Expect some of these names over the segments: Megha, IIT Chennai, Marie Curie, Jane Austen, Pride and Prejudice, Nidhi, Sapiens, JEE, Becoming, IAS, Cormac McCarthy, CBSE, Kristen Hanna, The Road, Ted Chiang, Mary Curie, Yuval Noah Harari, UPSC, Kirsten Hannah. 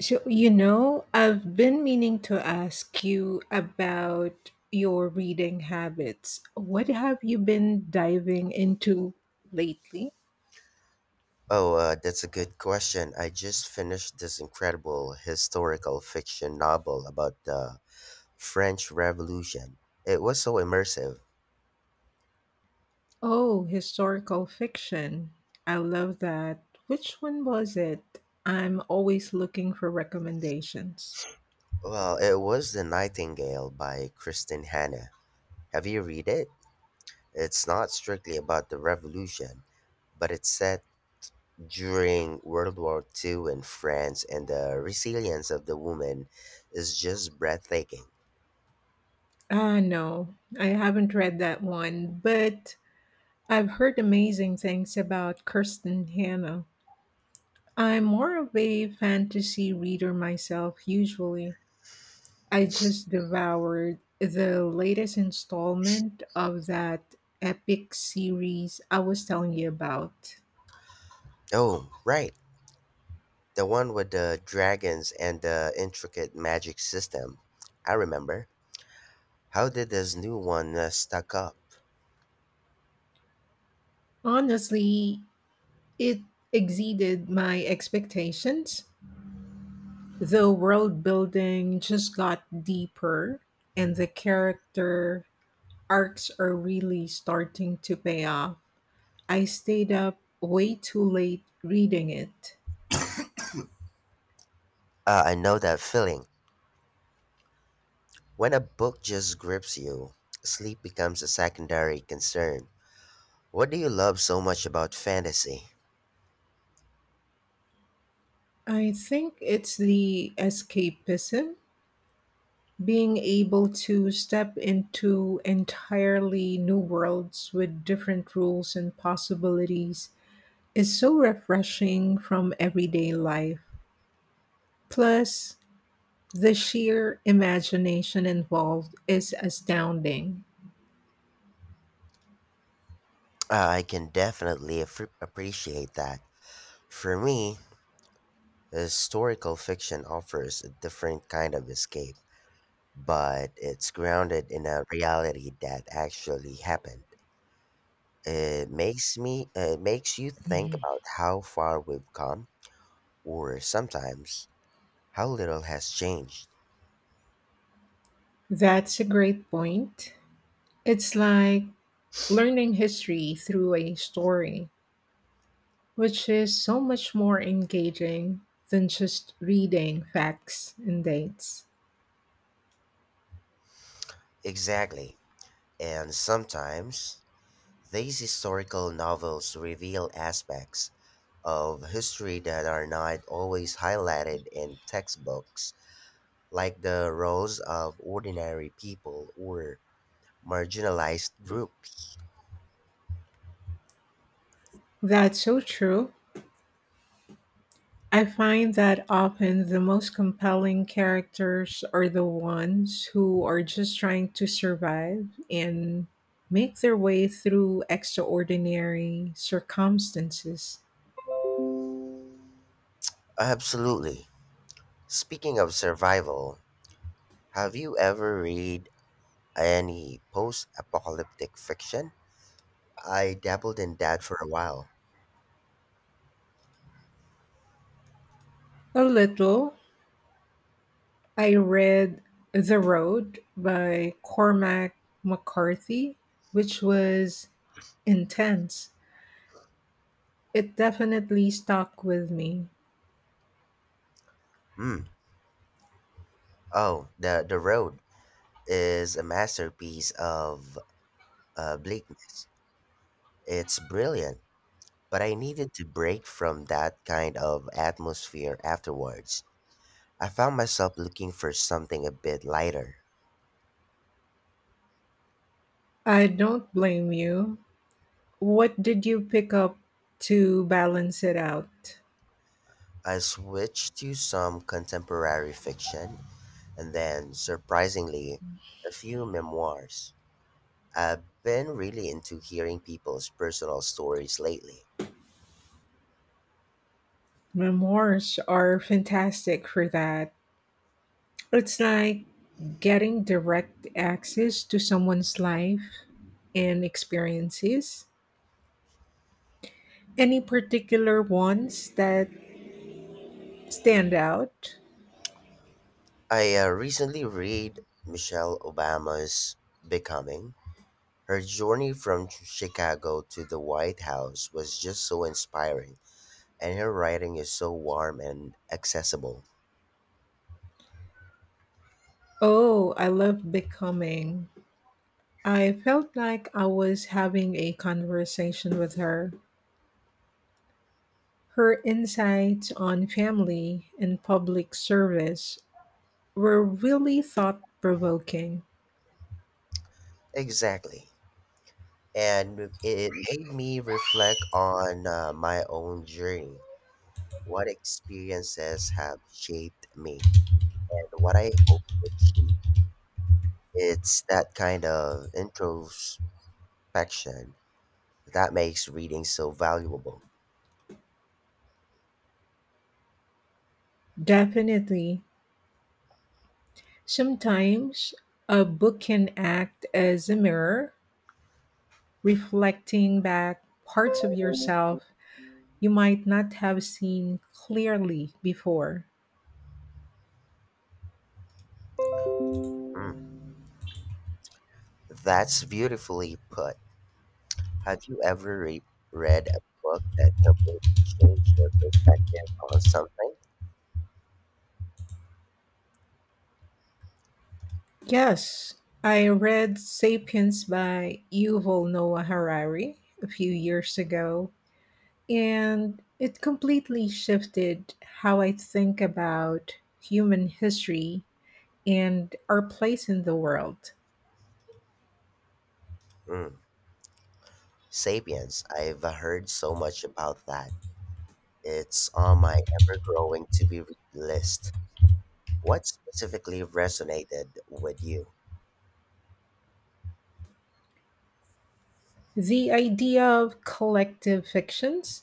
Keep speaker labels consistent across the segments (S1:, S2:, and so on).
S1: So, you know, I've been meaning to ask you about your reading habits. What have you been diving into lately?
S2: Oh, that's a good question. I just finished this incredible historical fiction novel about the French Revolution. It was so immersive.
S1: Oh, historical fiction. I love that. Which one was it? I'm always looking for recommendations.
S2: Well, it was The Nightingale by Kristen Hanna. Have you read it? It's not strictly about the revolution, but it's set during World War II in France, and the resilience of the woman is just breathtaking.
S1: Ah, no, I haven't read that one, but I've heard amazing things about Kirsten Hannah. I'm more of a fantasy reader myself, usually. I just devoured the latest installment of that epic series I was telling you about.
S2: Oh, right. The one with the dragons and the intricate magic system. I remember. How did this new one stack up?
S1: Honestly, it exceeded my expectations. The world building just got deeper, and the character arcs are really starting to pay off. I stayed up way too late reading it.
S2: I know that feeling. When a book just grips you, sleep becomes a secondary concern. What do you love so much about fantasy?
S1: I think it's the escapism, being able to step into entirely new worlds with different rules and possibilities is so refreshing from everyday life. Plus, the sheer imagination involved is astounding.
S2: I can definitely appreciate that. For me, historical fiction offers a different kind of escape, but it's grounded in a reality that actually happened. It makes me it makes you think
S1: Mhm.
S2: about how far we've come or sometimes how little has changed.
S1: That's a great point. It's like learning history through a story, which is so much more engaging than just reading facts and dates.
S2: Exactly. And sometimes these historical novels reveal aspects of history that are not always highlighted in textbooks, like the roles of ordinary people or marginalized groups.
S1: That's so true. I find that often the most compelling characters are the ones who are just trying to survive and make their way through extraordinary circumstances.
S2: Absolutely. Speaking of survival, have you ever read any post-apocalyptic fiction? I dabbled in that for a while.
S1: A little, I read The Road by Cormac McCarthy, which was intense. It definitely stuck with me.
S2: Hmm. Oh, the road is a masterpiece of bleakness. It's brilliant, but I needed to break from that kind of atmosphere afterwards. I found myself looking for something a bit lighter.
S1: I don't blame you. What did you pick up to balance it out?
S2: I switched to some contemporary fiction and then, surprisingly, a few memoirs. I've been really into hearing people's personal stories lately.
S1: Memoirs are fantastic for that. It's like getting direct access to someone's life and experiences. Any particular ones that stand out?
S2: I recently read Michelle Obama's Becoming. Her journey from Chicago to the White House was just so inspiring, and her writing is so warm and accessible.
S1: Oh, I love becoming. I felt like I was having a conversation with her. Her insights on family and public service were really thought provoking.
S2: Exactly. And it made me reflect on my own journey. What experiences have shaped me, and what I hope to achieve. It's that kind of introspection that makes reading so valuable.
S1: Definitely. Sometimes a book can act as a mirror, reflecting back parts of yourself you might not have seen clearly before.
S2: Mm, that's beautifully put. Have you ever read a book that completely changed your perspective on something?
S1: Yes, I read Sapiens by Yuval Noah Harari a few years ago, and it completely shifted how I think about human history and our place in the world.
S2: Mm, Sapiens. I've heard so much about that. It's on my ever growing to be read list. What specifically resonated with you?
S1: The idea of collective fictions,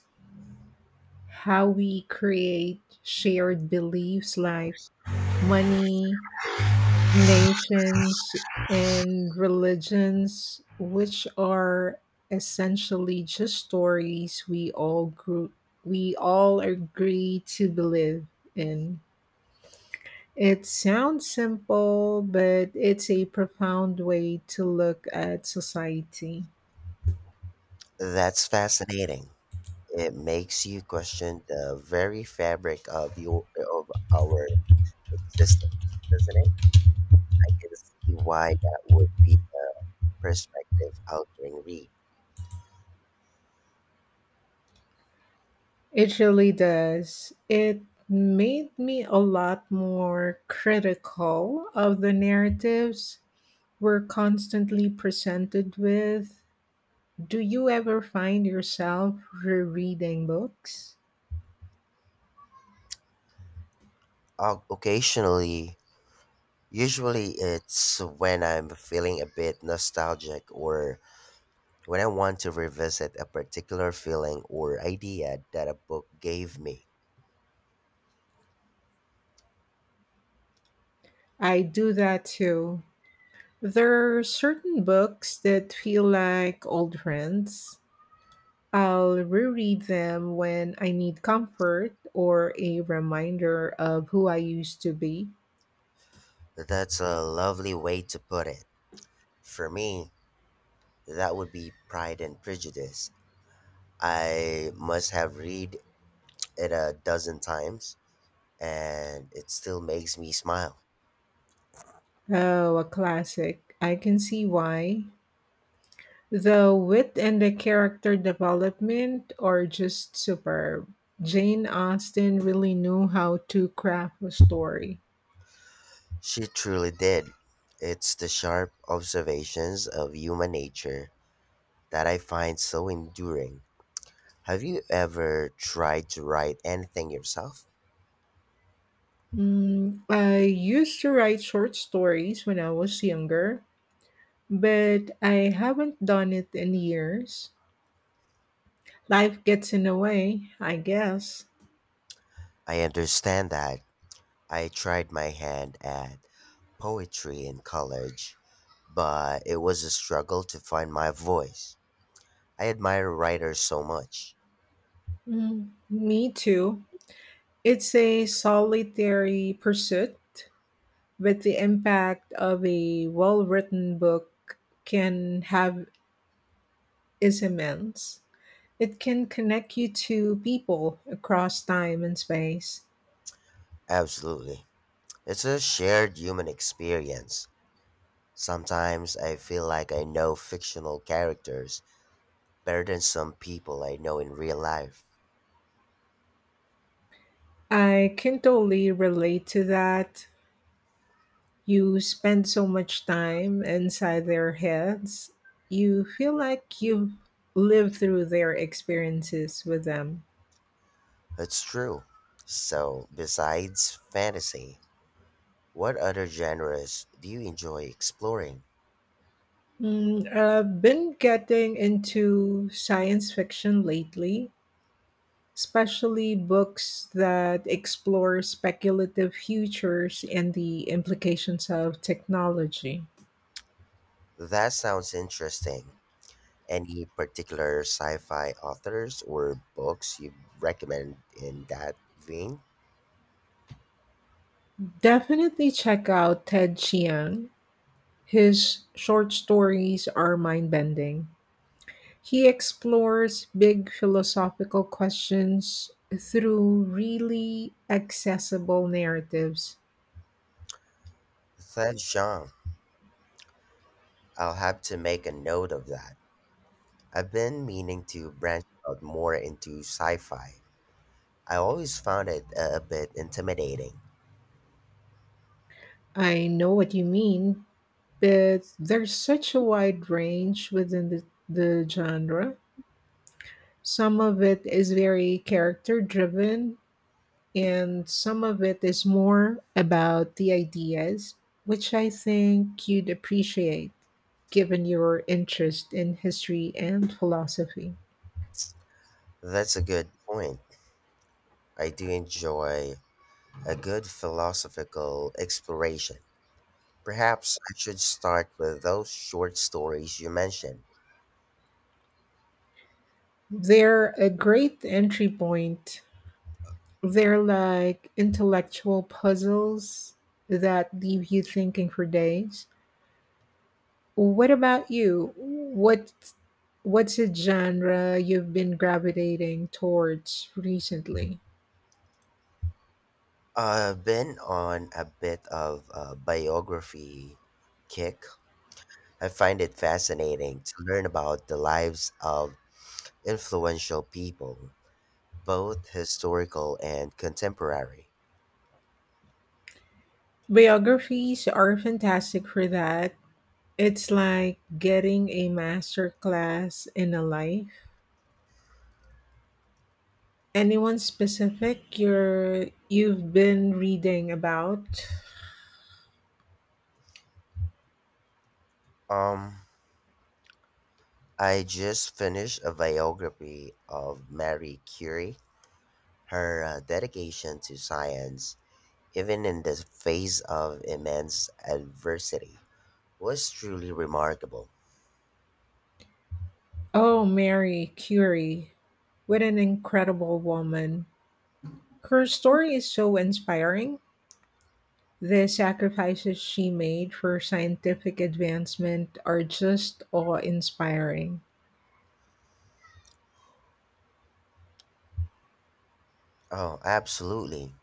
S1: how we create shared beliefs like money, nations, and religions, which are essentially just stories we all agree to believe in. It sounds simple, but it's a profound way to look at society.
S2: That's fascinating. It makes you question the very fabric of your of our existence, doesn't it? I can see why that would be a perspective altering read.
S1: It really does. It made me a lot more critical of the narratives we're constantly presented with. Do you ever find yourself rereading books?
S2: Occasionally, usually it's when I'm feeling a bit nostalgic or when I want to revisit a particular feeling or idea that a book gave me.
S1: I do that too. There are certain books that feel like old friends. I'll reread them when I need comfort or a reminder of who I used to be.
S2: That's a lovely way to put it. For me, that would be Pride and Prejudice. I must have read it a dozen times, and it still makes me smile.
S1: Oh, a classic. I can see why. The wit and the character development are just superb. Jane Austen really knew how to craft a story.
S2: She truly did. It's the sharp observations of human nature that I find so enduring. Have you ever tried to write anything yourself?
S1: Mm, I used to write short stories when I was younger, but I haven't done it in years. Life gets in the way, I guess.
S2: I understand that. I tried my hand at poetry in college, but it was a struggle to find my voice. I admire writers so much.
S1: Mm, me too. It's a solitary pursuit, but the impact of a well written book can have is immense. It can connect you to people across time and space.
S2: Absolutely. It's a shared human experience. Sometimes I feel like I know fictional characters better than some people I know in real life.
S1: I can totally relate to that. You spend so much time inside their heads, you feel like you've lived through their experiences with them.
S2: It's true. So, besides fantasy, what other genres do you enjoy exploring?
S1: Mm, I've been getting into science fiction lately, especially books that explore speculative futures and the implications of technology.
S2: That sounds interesting. Any particular sci-fi authors or books you recommend in that vein?
S1: Definitely check out Ted Chiang. His short stories are mind bending. He explores big philosophical questions through really accessible narratives.
S2: That genre. I'll have to make a note of that. I've been meaning to branch out more into sci-fi. I always found it a bit intimidating.
S1: I know what you mean. But there's such a wide range within the genre. Some of it is very character driven, and some of it is more about the ideas, which I think you'd appreciate given your interest in history and philosophy.
S2: That's a good point. I do enjoy a good philosophical exploration. Perhaps I should start with those short stories you mentioned.
S1: They're a great entry point. They're like intellectual puzzles that leave you thinking for days. What about you? What what's a genre you've been gravitating towards recently?
S2: I've been on a bit of a biography kick. I find it fascinating to learn about the lives of influential people, both historical and contemporary.
S1: Biographies are fantastic for that. It's like getting a master class in a life. Anyone specific you've been reading about?
S2: Um, I just finished a biography of Marie Curie. Her dedication to science, even in the face of immense adversity, was truly remarkable.
S1: Oh, Mary Curie. What an incredible woman. Her story is so inspiring. The sacrifices she made for scientific advancement are just awe-inspiring.
S2: Oh, absolutely.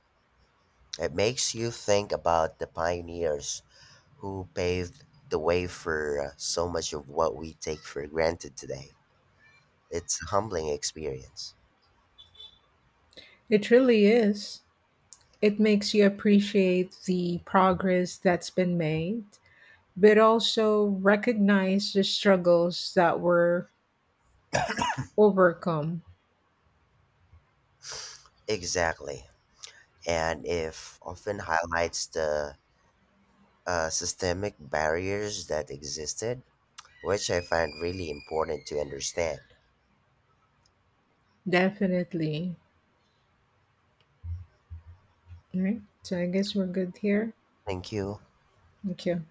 S2: It makes you think about the pioneers who paved the way for so much of what we take for granted today. It's a humbling experience.
S1: It really is. It makes you appreciate the progress that's been made, but also recognize the struggles that were overcome.
S2: Exactly. And it often highlights the systemic barriers that existed, which I find really important to understand.
S1: Definitely. All right. So I guess we're good here.
S2: Thank you.
S1: Thank you.